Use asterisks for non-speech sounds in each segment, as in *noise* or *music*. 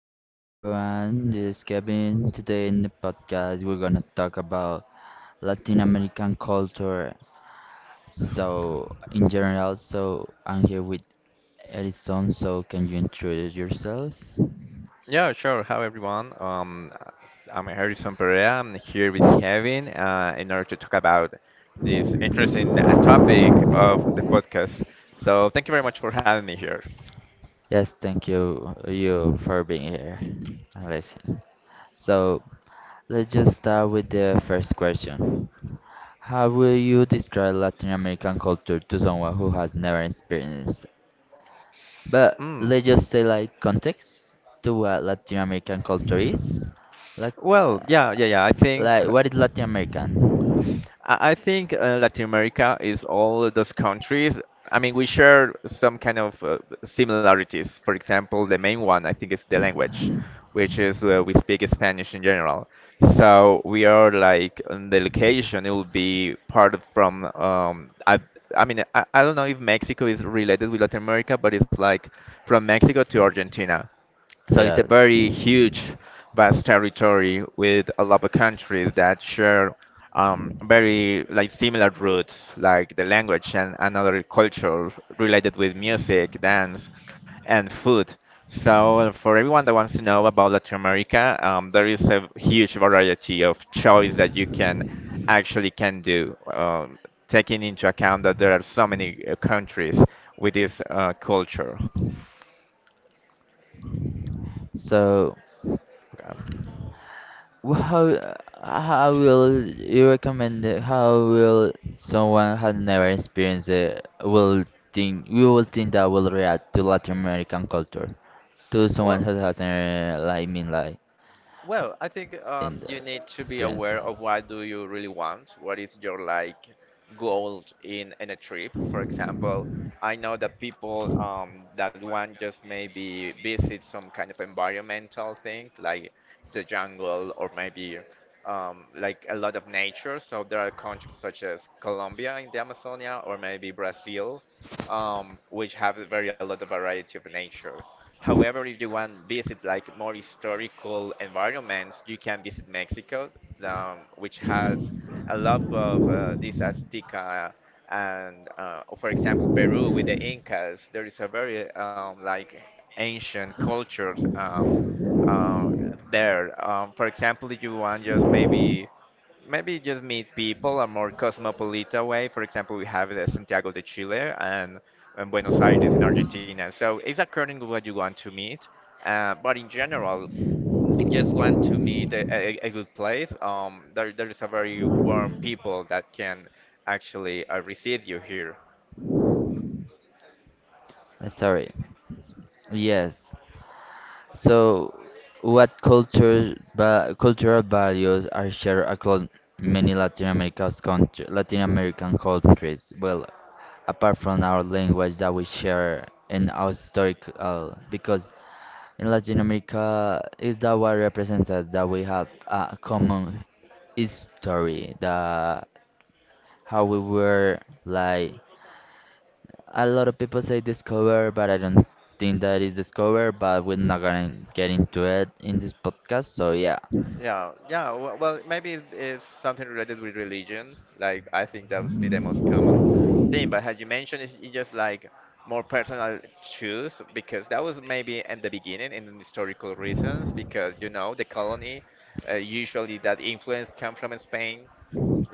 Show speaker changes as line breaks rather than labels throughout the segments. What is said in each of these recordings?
Hello everyone, this is Kevin. Today in the podcast we're gonna talk about Latin American culture. So in general, so I'm here with Edison, so can you introduce yourself?
Yeah, sure. Hi, everyone. I'm Harrison Perea. I'm here with Kevin in order to talk about this interesting topic of the podcast. So, thank you very much for having me here.
Yes, thank you for being here and listen. So let's just start with the first question. How will you describe Latin American culture to someone who has never experienced? But
Mm,
let's just say like context to what Latin American culture is. Like
well, yeah,
uh,
yeah, yeah. I think.
like what is Latin American?
I I think uh, Latin America is all those countries. I mean, we share some kind of similarities. For example, the main one I think is the language, which is we speak Spanish in general. So we are like on the location. It will be part of from. I don't know if Mexico is related with Latin America, but it's like from Mexico to Argentina. So it's a
Yes.
very huge, vast territory with a lot of countries that share very like similar roots, like the language and another culture related with music, dance, and food. So for everyone that wants to know about Latin America, there is a huge variety of choice that you can actually can do, taking into account that there are so many countries with this culture.
So
Um,
wh- how how will you recommend it- how will someone who never experienced it will think you will think that will react to Latin American culture to someone
Well,
who hasn't like mean like
Well, I think
in the
you need to be
experience.
aware of what do you really want. What is your like goal in a trip? For example, I know that people that want just maybe visit some kind of environmental thing like the jungle or maybe like a lot of nature. So there are countries such as Colombia in the Amazonia or maybe Brazil, which have a very a lot of variety of nature. However, if you want visit like more historical environments, you can visit Mexico, which has a lot of these Azteca and, for example, Peru with the Incas. There is a very like ancient cultures uh, there. For example, if you want just maybe just meet people a more cosmopolitan way. For example, we have the Santiago de Chile and Buenos Aires in Argentina. So it's according to what you want to meet. But in general, you just want to meet a good place. There is a very warm people that can actually receive you here.
Sorry. Yes. So, what culture, va cultural values are shared across many Latin America's country, Latin American countries? Well, apart from our language that we share and our historical, because in Latin America is that what represents us, that we have a common history, that how we were like a lot of people say discover, but I don't think that is discover. But we're not gonna get into it in this podcast. So yeah,
Yeah, yeah. Well, maybe it's something related with religion. Like I think that would be the most common thing. But as you mentioned, it's just like more personal choice because that was maybe at the beginning in historical reasons because you know the colony usually that influence come from Spain.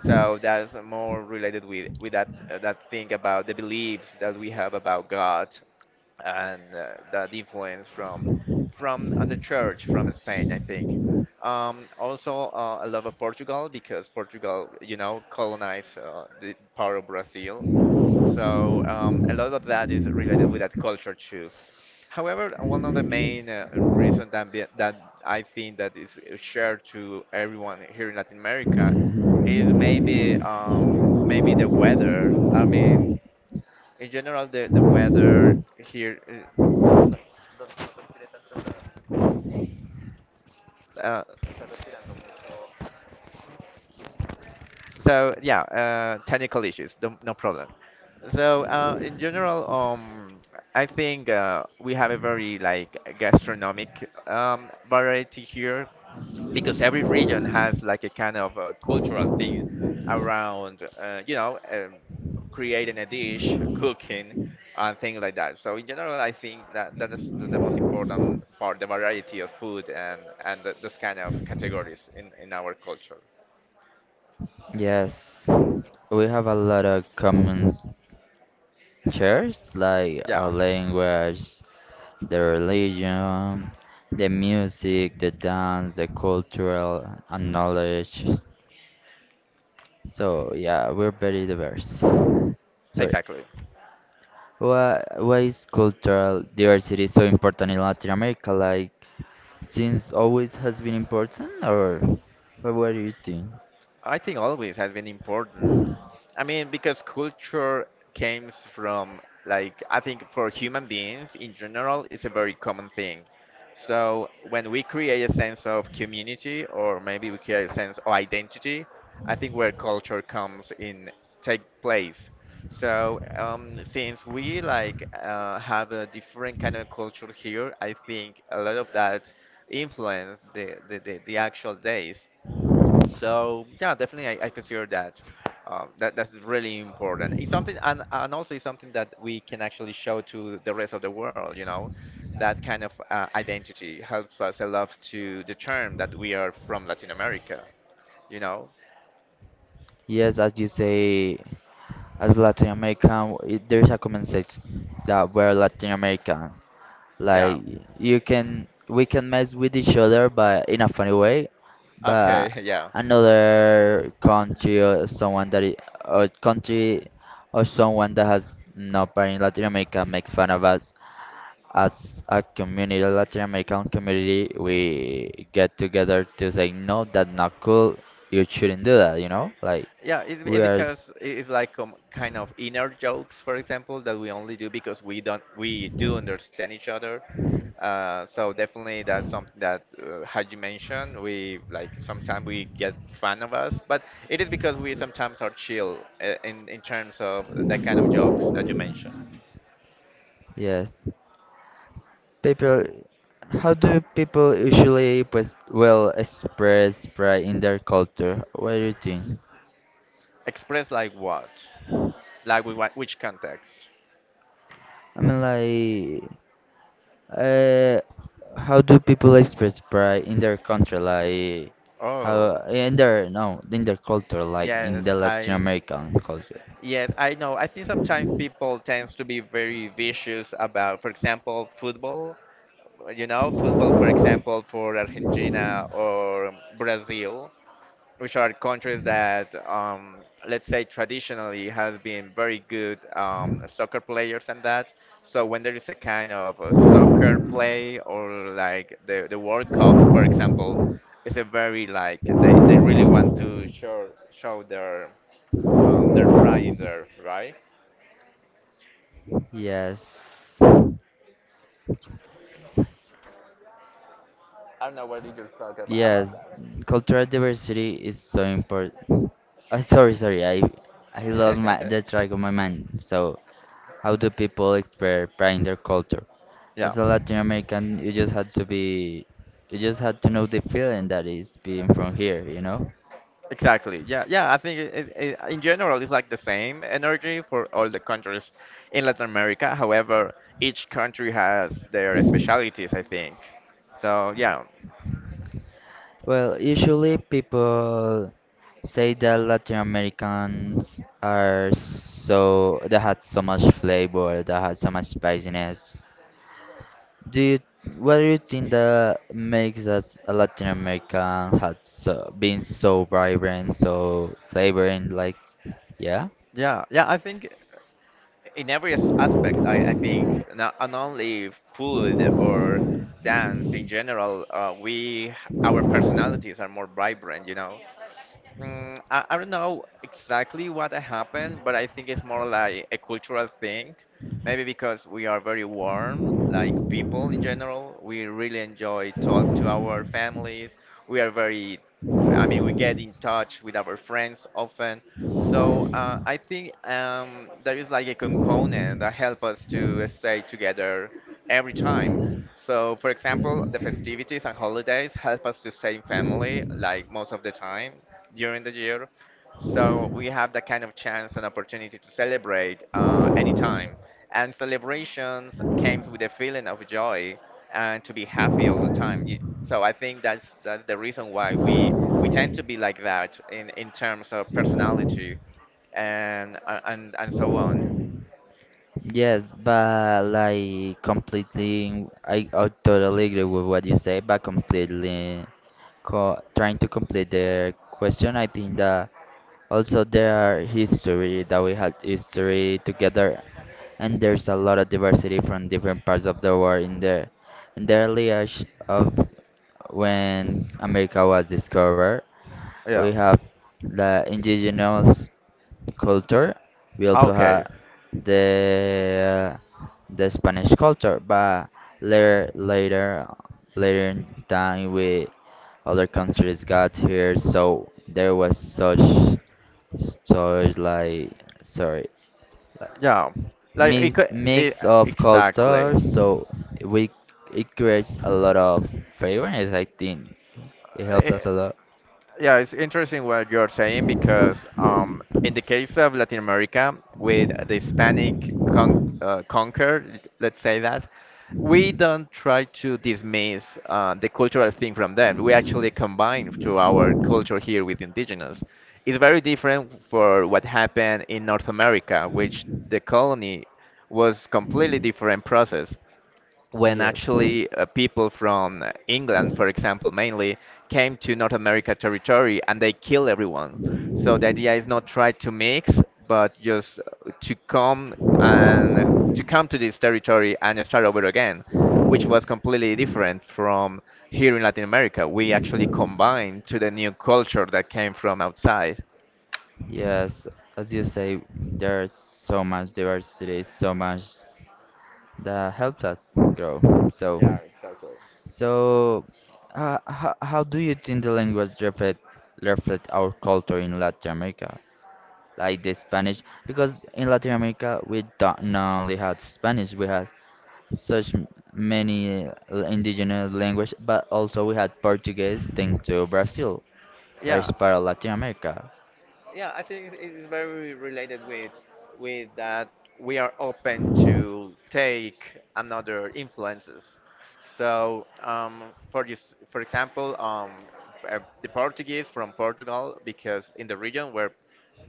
So that's more related with that that thing about the beliefs that we have about God and that influence from the church from Spain, I think. Also, I love of Portugal because Portugal, you know, colonized the part of Brazil. So a lot of that is related with that culture too. However, one of the main reasons that, that I think that is shared to everyone here in Latin America is maybe maybe the weather. I mean, in general, the weather here. Uh, so yeah, technical issues, no, no problem. So in general, I think we have a very like gastronomic variety here because every region has like a kind of a cultural thing around, you know, creating a dish, cooking, and things like that. So in general, I think that that is the most important part, the variety of food and the this kind of categories in our culture.
yes, we have a lot of common shares like
Yeah.
our language, the religion, the music, the dance, the cultural and knowledge. So yeah, we're very diverse. Sorry.
Exactly.
Why is cultural diversity so important in Latin America? Like, since always has been important, or but what do you think?
I think always has been important. I mean, because culture comes from, like, I think for human beings in general, it's a very common thing. So when we create a sense of community, or maybe we create a sense of identity, I think where culture comes in take place. So since we like have a different kind of culture here, I think a lot of that influence the actual days. So yeah, definitely I consider that that that's really important. It's something and also it's something that we can actually show to the rest of the world, you know. That kind of identity helps us a lot to determine that we are from Latin America, you know.
Yes, as you say, as Latin American, it, there is a common sense that we're Latin American.
Yeah.
Like you can, we can mess with each other, but in a funny way.
Okay,
But
*laughs* yeah.
another country or someone that is, or country or someone that has no parent in Latin America makes fun of us as a community, Latin American community, we get together to say, no, that's not cool. You shouldn't do that, you know? Like,
Yeah, it,
we
it
are, s-
because it's like kind of inner jokes, for example, that we only do because we don't we do understand each other. So definitely that's something that, had you mentioned, we like sometimes we get fun of us, but it is because we sometimes are chill in terms of that kind of jokes that you mentioned.
yes. People, how do people usually, pues, well, express pride in their culture? What do you think?
Express like what? Like with what, which context?
I mean, like, uh, how do people express pride in their country? Like, how,
Oh,
in their, no, in their culture, like, in the
yes,
Latin
I
American culture?
Yes, I know. I think sometimes people tends to be very vicious about, for example, football. You know, football, for example, for Argentina or Brazil, which are countries that, let's say, traditionally has been very good soccer players and that. So when there is a kind of a soccer play or like the World Cup, for example, it's a very like they really want to show their pride in there, right?
Yes.
I don't know what you just talked about
Yes. Cultural diversity is so important. *laughs* Sorry, sorry. I lost my
that.
the track of
*laughs*
my mind. So, how do people express pride in their culture?
Yeah,
As a Latin American, you just had to be, you just had to know the feeling that is being from here. You know.
exactly. Yeah, yeah. I think it, it, it, in general it's like the same energy for all the countries in Latin America. However, each country has their specialities, I think. So yeah,
Well, usually people say that Latin Americans are so they had so much flavor, they had so much spiciness. Do you, what do you think that makes us a Latin American hot so, being so vibrant, so flavoring, like, yeah?
yeah, yeah. I think in every aspect, I think not, not only food or dance in general, we our personalities are more vibrant. You know, I don't know exactly what happened, but I think it's more like a cultural thing. Maybe because we are very warm, like people in general, we really enjoy talk to our families. We are very, I mean, we get in touch with our friends often. So I think there is like a component that help us to stay together every time. So, for example, the festivities and holidays help us to stay in family like most of the time during the year. So we have that kind of chance and opportunity to celebrate anytime. And celebrations comes with a feeling of joy and to be happy all the time. You, so I think that's the reason why we tend to be like that in terms of personality and and so on.
Yes, but like completely, I totally agree with what you say, but completely co trying to complete the question, I think that also, there are history that we had history together, and there's a lot of diversity from different parts of the world in there. In the early age of when America was discovered, we
Yeah.
have the indigenous culture. We also
Okay.
have the the Spanish culture, but later later in time we other countries got here, so there was such such like sorry like
Yeah. Like it
mix
could, it,
mix of
exactly.
culture, so we it creates a lot of favorites. I think it helps us a lot.
Yeah, it's interesting what you're saying because in the case of Latin America, with the Hispanic conquer, let's say that, we don't try to dismiss the cultural thing from them. We actually combine to our culture here with indigenous. It's very different for what happened in North America, which the colony was completely different process when
Yes.
actually people from England, for example, mainly came to North America territory and they kill everyone. So the idea is not try to mix, but just to come to this territory and start over again, which was completely different from here in Latin America. We actually combined to the new culture that came from outside.
Yes, as you say, there's so much diversity, so much that helps us grow. So,
Yeah, exactly.
so how do you think the language reflect our culture in Latin America, like the Spanish? Because in Latin America, we don't not only had Spanish, we had such many indigenous language, but also we had Portuguese, thanks to Brazil, that
Yeah,
is part of Latin America.
yeah, I think it is very related with that we are open to take another influences, so for you, for example, the Portuguese from Portugal because in the region where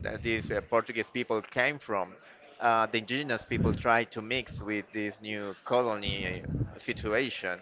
th- these Portuguese people came from, the indigenous people tried to mix with this new colony situation.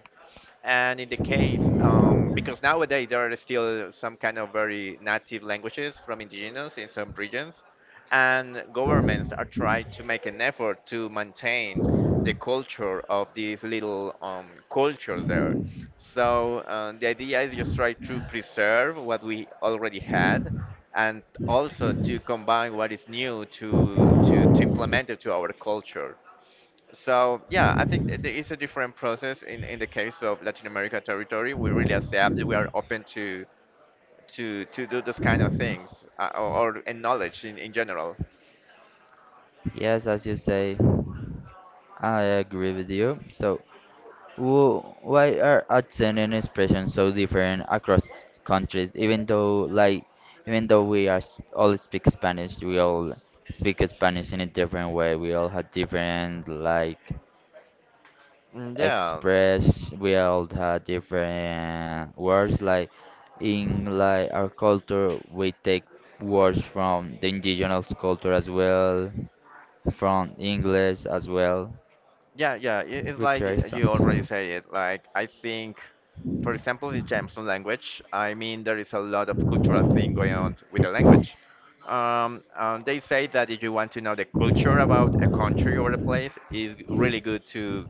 And in the case, because nowadays there are still some kind of very native languages from indigenous in some regions, and governments are trying to make an effort to maintain the culture of these little cultures there. So the idea is just try to preserve what we already had and also to combine what is new to implement it to our culture. So yeah, I think it's a different process in the case of Latin America territory. We really accept that we are open to to do this kind of things or and knowledge in general.
Yes, as you say. I agree with you. So, why are accent and expression so different across countries? Even though, like, even though we are s- all speak Spanish, we all speak Spanish in a different way. We all have different, like,
Yeah,
express. We all have different words. Like, in like our culture, we take words from the indigenous culture as well, from English as well.
yeah, yeah. It's
We
like
create
you already
something.
say it. Like I think, for example, in terms of language, I mean there is a lot of cultural thing going on with the language. They say that if you want to know the culture about a country or a place, is really good to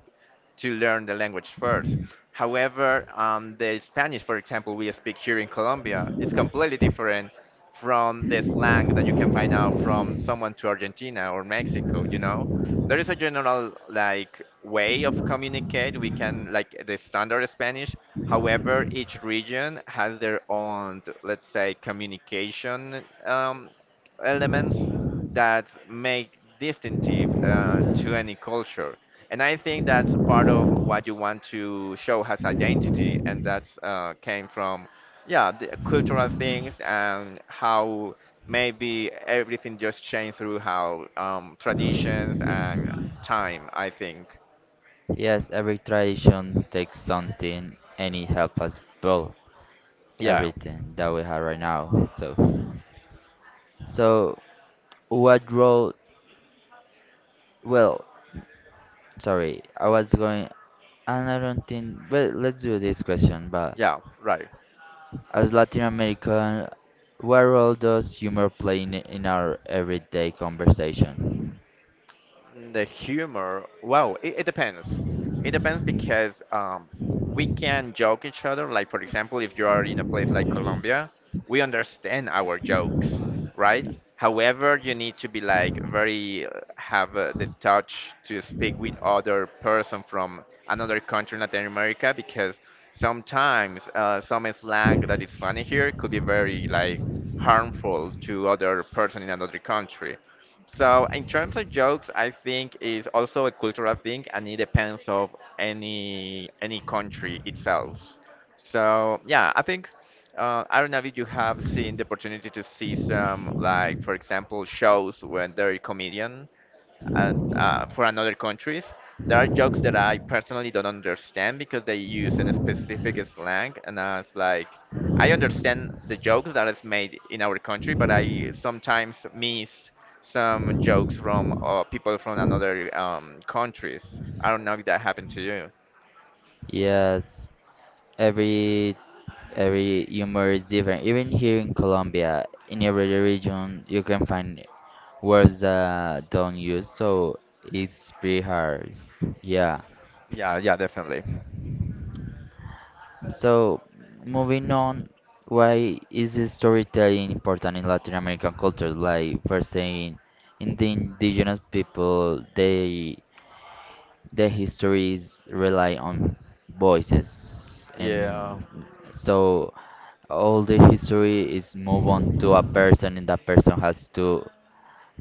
to learn the language first. However, the Spanish, for example, we speak here in Colombia, it's completely different from the slang that you can find out from someone to Argentina or Mexico, you know? There is a general like way of communicate. We can like the standard Spanish. However, each region has their own, let's say, communication elements that make distinctive to any culture. And I think that's part of what you want to show as identity, and that's came from, yeah, the cultural things and how maybe everything just changed through how traditions and time. I think,
Yes, every tradition takes something and it helps us build
yeah,
everything that we have right now. So, so what role? Well, sorry, I was going. And I don't think. But let's do this question. But
yeah, right.
as Latin American, what role does humor play in our everyday conversation?
The humor, wow, it depends. It depends because we can joke each other. Like for example, if you are in a place like Colombia, we understand our jokes, right? However, you need to be like very have the touch to speak with other person from another country, Latin America, because sometimes some slang that is funny here could be very like harmful to other person in another country. So in terms of jokes, I think is also a cultural thing, and it depends of any country itself. So yeah, I think I don't know if you have seen the opportunity to see some like, for example, shows when they're comedian and for another countries. There are jokes that I personally don't understand because they use a specific slang, and I was like, I understand the jokes that is made in our country, but I sometimes miss some jokes from people from another countries. I don't know if that happened to you.
Yes, every every humor is different. Even here in Colombia, in every region, you can find words that don't use, so it's pretty hard. Yeah.
Yeah, yeah, definitely.
So moving on, why is the storytelling important in Latin American cultures? Like first saying, in the indigenous people, they the histories rely on voices
Yeah.
and so all the history is move on to a person and that person has to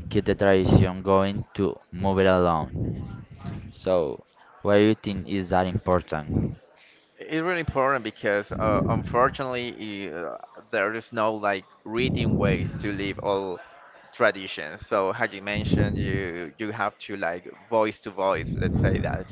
keep the tradition going to move it along so why you think is that important.
It's really important because unfortunately i- uh, there is no like written ways to live all traditions. So as you mentioned, you have to like voice to voice, let's say that.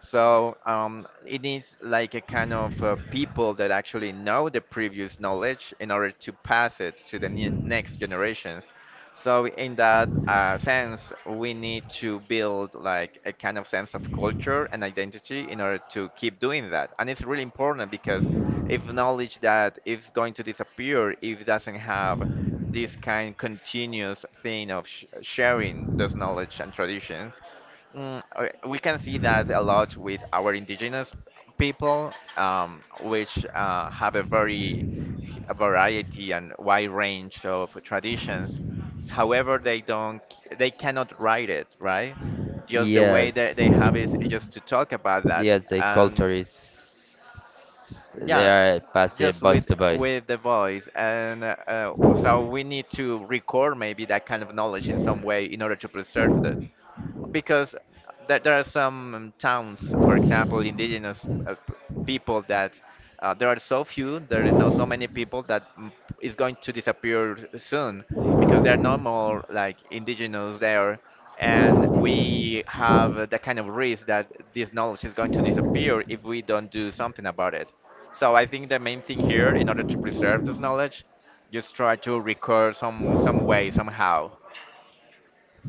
So it needs like a kind of people that actually know the previous knowledge in order to pass it to the ne next generations. So in that sense, we need to build like a kind of sense of culture and identity in order to keep doing that. And it's really important because if knowledge that is going to disappear, if it doesn't have this kind continuous thing of sh sharing those knowledge and traditions. Okay, we can see that a lot with our indigenous people, which have a very a variety and wide range of traditions. However, they don't, they cannot write it, right? Just the way that
yes
they have is just to talk about that,
yes The
and
culture is they
yeah,
are passed
just
voice to voice.
with the voice, and so we need to record maybe that kind of knowledge in some way in order to preserve it because that there are some towns, for example, indigenous people that there are so few, there is not so many people that is going to disappear soon because there are no more like indigenous there, and we have that kind of risk that this knowledge is going to disappear if we don't do something about it. So I think the main thing here, in order to preserve this knowledge, just try to record some way somehow.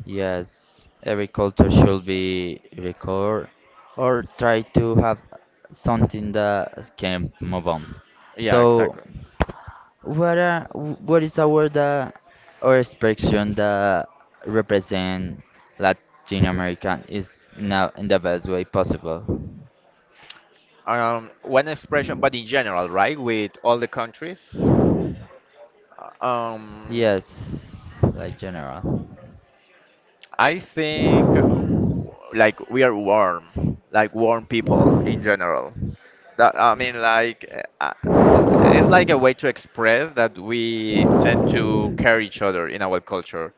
Yes, every culture should be record or try to have something that can move on.
Yeah,
So,
exactly.
what are what is our the our expression that represent Latin American is now in the best way possible?
Um, one expression, but in general, right, with all the countries. uh, Um,
Yes, like general.
I think like we are warm, like warm people in general. That I mean, like uh, uh, th- it's like a way to express that we tend to care each other in our culture,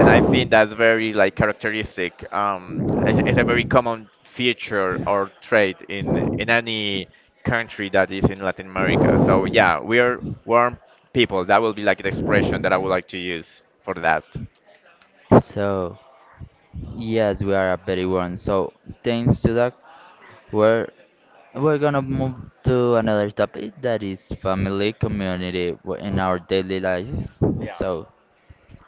and I think that's very like characteristic. It's a very common feature or trait in any country that is in Latin America. So yeah, we are warm people. That will be like an expression that I would like to use for that.
So, yes, we are a very one. So, thanks to that, word. We're gonna move to another topic that is family, community in our daily life.
Yeah.
So,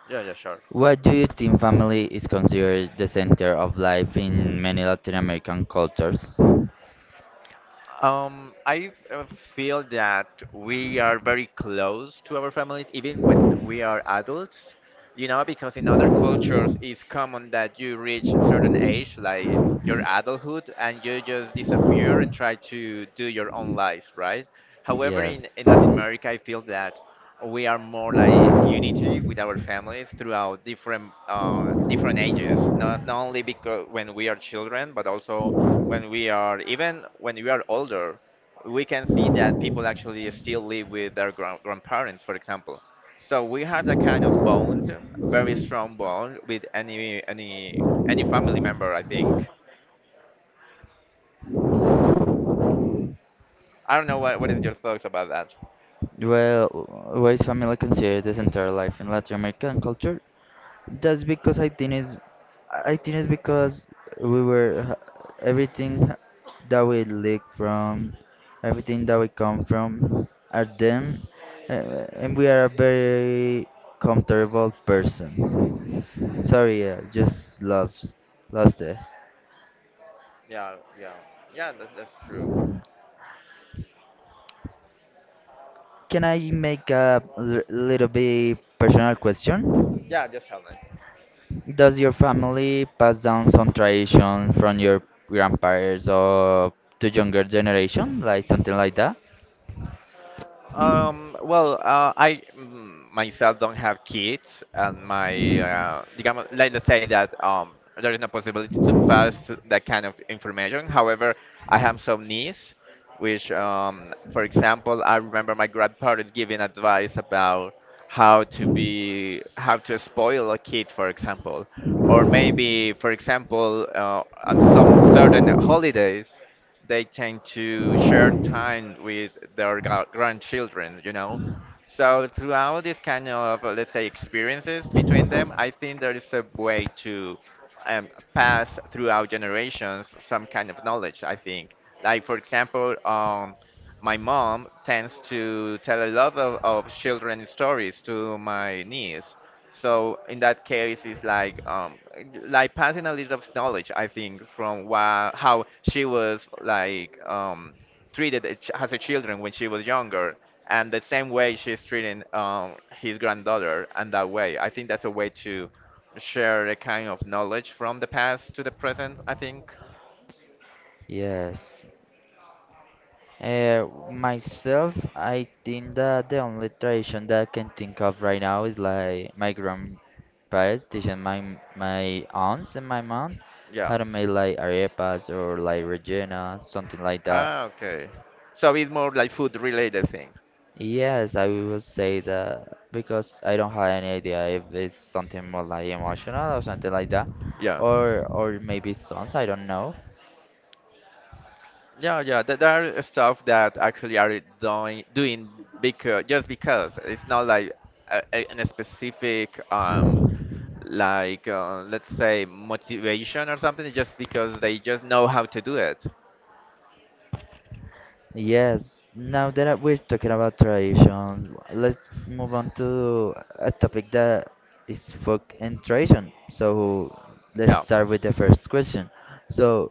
Yeah. Yeah. Sure.
what do you think family is considered the center of life in many Latin American cultures?
I feel that we are very close to our families, even when we are adults. You know, because in other cultures, it's common that you reach a certain age, like your adulthood, and you just disappear and try to do your own life, right? However,
Yes.
in Latin America, I feel that we are more like unity with our families throughout different different ages. Not only because when we are children, but also when we are even when we are older, we can see that people actually still live with their grandparents, for example. So we have that kind of bond, very strong bond with any family member. I think. I don't know what is your thoughts about that.
Well, why is family considered the center of life in Latin American culture? That's because I think is, I think it's because we were h- everything h- that we leak from, everything that we come from, are them, and we are a very comfortable person. S- sorry, I just lost it.
Yeah, yeah, yeah. That's true.
Can I make a l- little bit personal question?
Yeah, just tell me.
Does your family pass down some tradition from your grandparents or to younger generation, like something like that?
Well, myself don't have kids, and my, digamos, let's say that there is no possibility to pass that kind of information. However, I have some niece, which, for example, I remember my grandparents giving advice about how to be, how to spoil a kid, for example, or maybe, for example, on some certain holidays they tend to share time with their grandchildren, you know. So throughout this kind of let's say experiences between them, I think there is a way to um, pass throughout generations some kind of knowledge. I think, like for example, my mom tends to tell a lot of children stories to my niece. So in that case, it's like passing a little of knowledge, I think, from how she was like treated a as a children when she was younger and the same way she's treating his granddaughter, and that way I think that's a way to share a kind of knowledge from the past to the present, I think.
Yes. Myself, I think that the only tradition that I can think of right now is like my grandparents teaching my my aunts and my mom
Yeah.
how to make like arepas or like Regina, something like that.
Ah, okay, so it's more like food related thing.
Yes, I will say that because I don't have any idea if it's something more like emotional or something like that,
Yeah,
or maybe songs. I don't know.
yeah, yeah, there are stuff that actually are doing because just because it's not like an specific like let's say motivation or something, just because they just know how to do it.
Yes. Now that we're talking about tradition, let's move on to a topic that is folk and tradition. So let's
Yeah.
start with the first question. So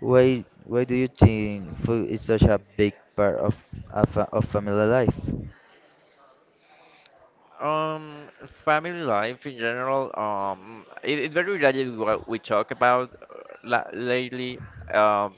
why do you think food is such a big part of, fa- of family life?
Um, family life in general, it very related to what we talk about la lately, um,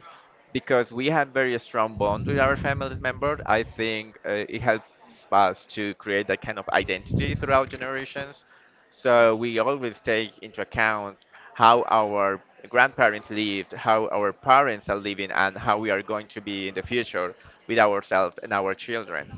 because we have very strong bond with our family members. I think it helps us to create that kind of identity throughout generations. So we always take into account how our grandparents lived, how our parents are living, and how we are going to be in the future with ourselves and our children.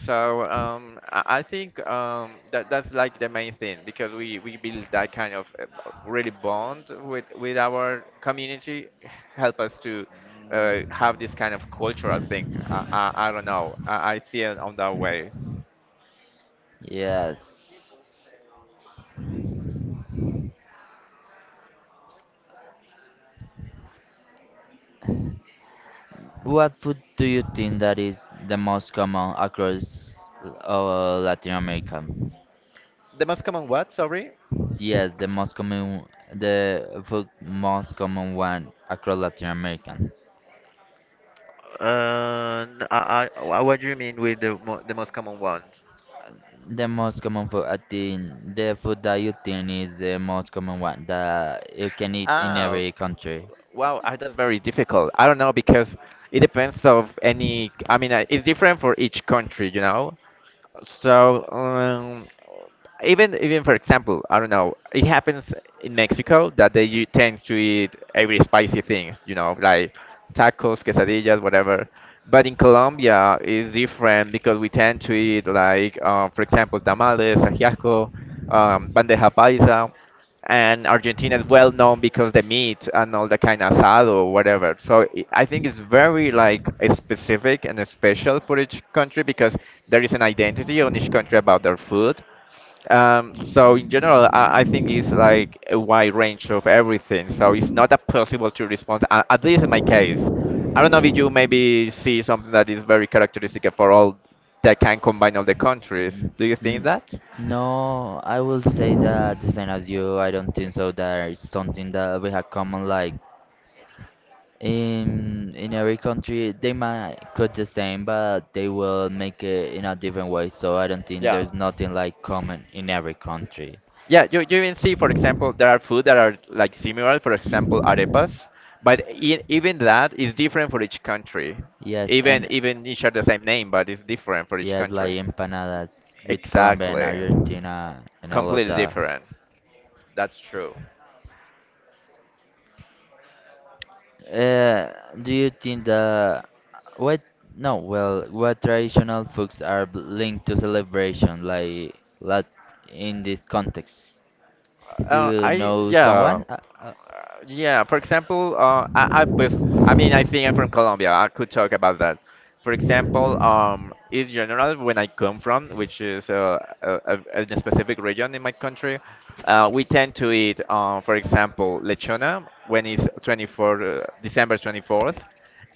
So I think that that's like the main thing because we build that kind of really bond with our community, help us to have this kind of cultural thing. I don't know. I see it on that way.
Yes. What food do you think that is the most common across Latin America?
The most common what? Sorry.
Yes, the most common, the food most common one across Latin America.
What do you mean with the mo the most common one?
The most common food, I think, the food that you think is the most common one that you can eat in
Oh,
every country.
wow, that's very difficult. I don't know because it depends of any. I mean, it's different for each country, you know. So even for example, I don't know, it happens in Mexico that they tend to eat every spicy things, you know, like tacos, quesadillas, whatever. But in Colombia, it's different because we tend to eat like, for example, tamales, ajiaco, bandeja paisa, and Argentina is well known because the meat and all the kind of asado or whatever. So I think it's very like specific and special for each country because there is an identity on each country about their food. So in general, I think it's like a wide range of everything. So it's not that possible to respond, at least in my case. I don't know if you maybe see something that is very characteristic for all that can combine all the countries.
N-
Do you think
n-
that?
No, I will say that the same as you. I don't think so. There is something that we have common, like in every country, they might cook the same, but they will make it in a different way. So I don't think
Yeah.
there's nothing like common in every country.
Yeah, you even see, for example, there are food that are like similar, for example, arepas, but e even that is different for each country.
Yes,
Even
and
even it share the same name, but it's different for each
yes, like
country.
empanadas with Colombia and
Exactly.
Argentina and all of
Completely
that.
different. That's true.
Uh, do you think the what? No, well, what traditional foods are b- linked to celebration, like in this context? Do you
I
know
yeah, Uh,
someone? Uh,
yeah, for example, pues, I mean, I think I'm from Colombia. I could talk about that. For example, in general, when I come from, which is a specific region in my country, we tend to eat, for example, lechona when it's 24, December 24th,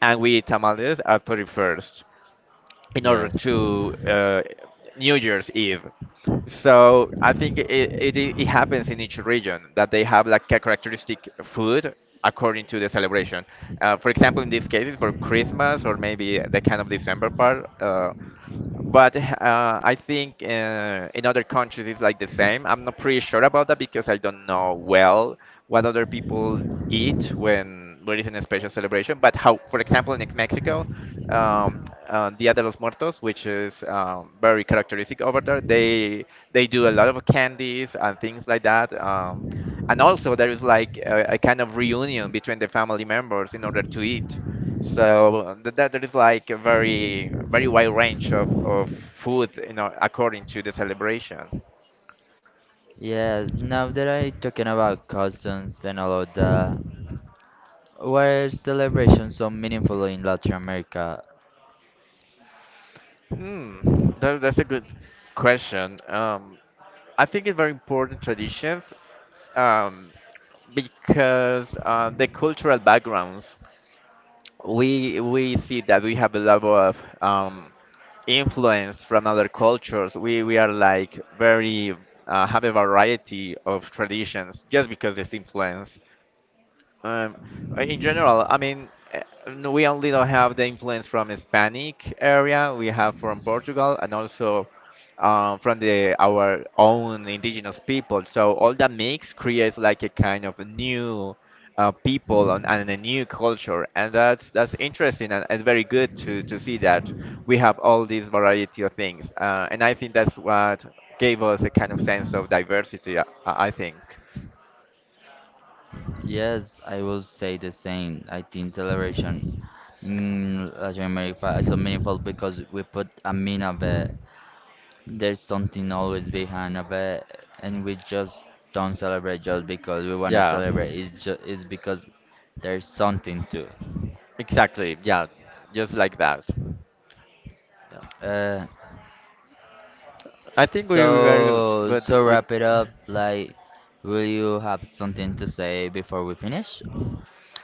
and we eat tamales at 31st in order
yes.
to New Year's Eve. So I think it happens in each region that they have like a characteristic food according to the celebration. For example, in this case, it's for Christmas or maybe the kind of December part. But I think in other countries it's like the same. I'm not pretty sure about that because I don't know well what other people eat when there is a special celebration. But how, for example, in Mexico, Dia de los Muertos, which is very characteristic over there, they do a lot of candies and things like that. And also there is like a kind of reunion between the family members in order to eat. So that there is like a very wide range of food, you know, according to the celebration.
Yeah, now that I talking about customs and all of that, why are celebrations so meaningful in Latin America?
Hmm, that's a good question. I think it's very important traditions um, because the cultural backgrounds we see that we have a level of influence from other cultures. We are like very have a variety of traditions just because this influence. Um, in general, I mean, no, we only don't have the influence from Hispanic area. We have from Portugal and also from the our own indigenous people. So all that mix creates like a kind of new people, and a new culture, and that's interesting and very good to see that we have all these variety of things. And I think that's what gave us a kind of sense of diversity. I think.
Yes, I will say the same. I think celebration in Latin America is so meaningful because we put a mean of it. There's something always behind of it, and we just don't celebrate just because we want to
Yeah.
celebrate. It's just it's because there's something to.
Exactly, yeah, just like that. Yeah.
Uh,
I think we were
So, to
good with.
wrap it up, like, will you have something to say before we finish?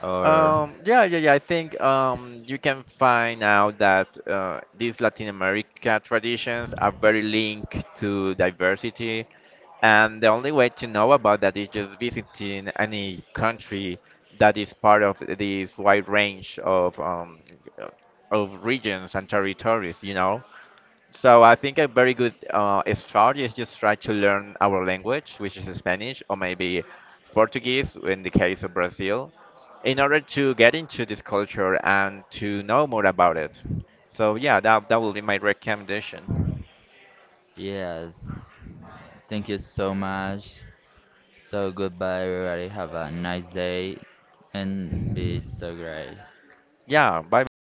Or,
Yeah, yeah, yeah. I think you can find out that these Latin America traditions are very linked to diversity, and the only way to know about that is just visiting any country that is part of this wide range of regions and territories, you know. So I think a very good start is just try to learn our language, which is Spanish or maybe Portuguese in the case of Brazil, in order to get into this culture and to know more about it. So yeah, that will be my recommendation.
yes. Thank you so much. So, goodbye, everybody. Have a nice day and be so great.
Yeah, bye bye.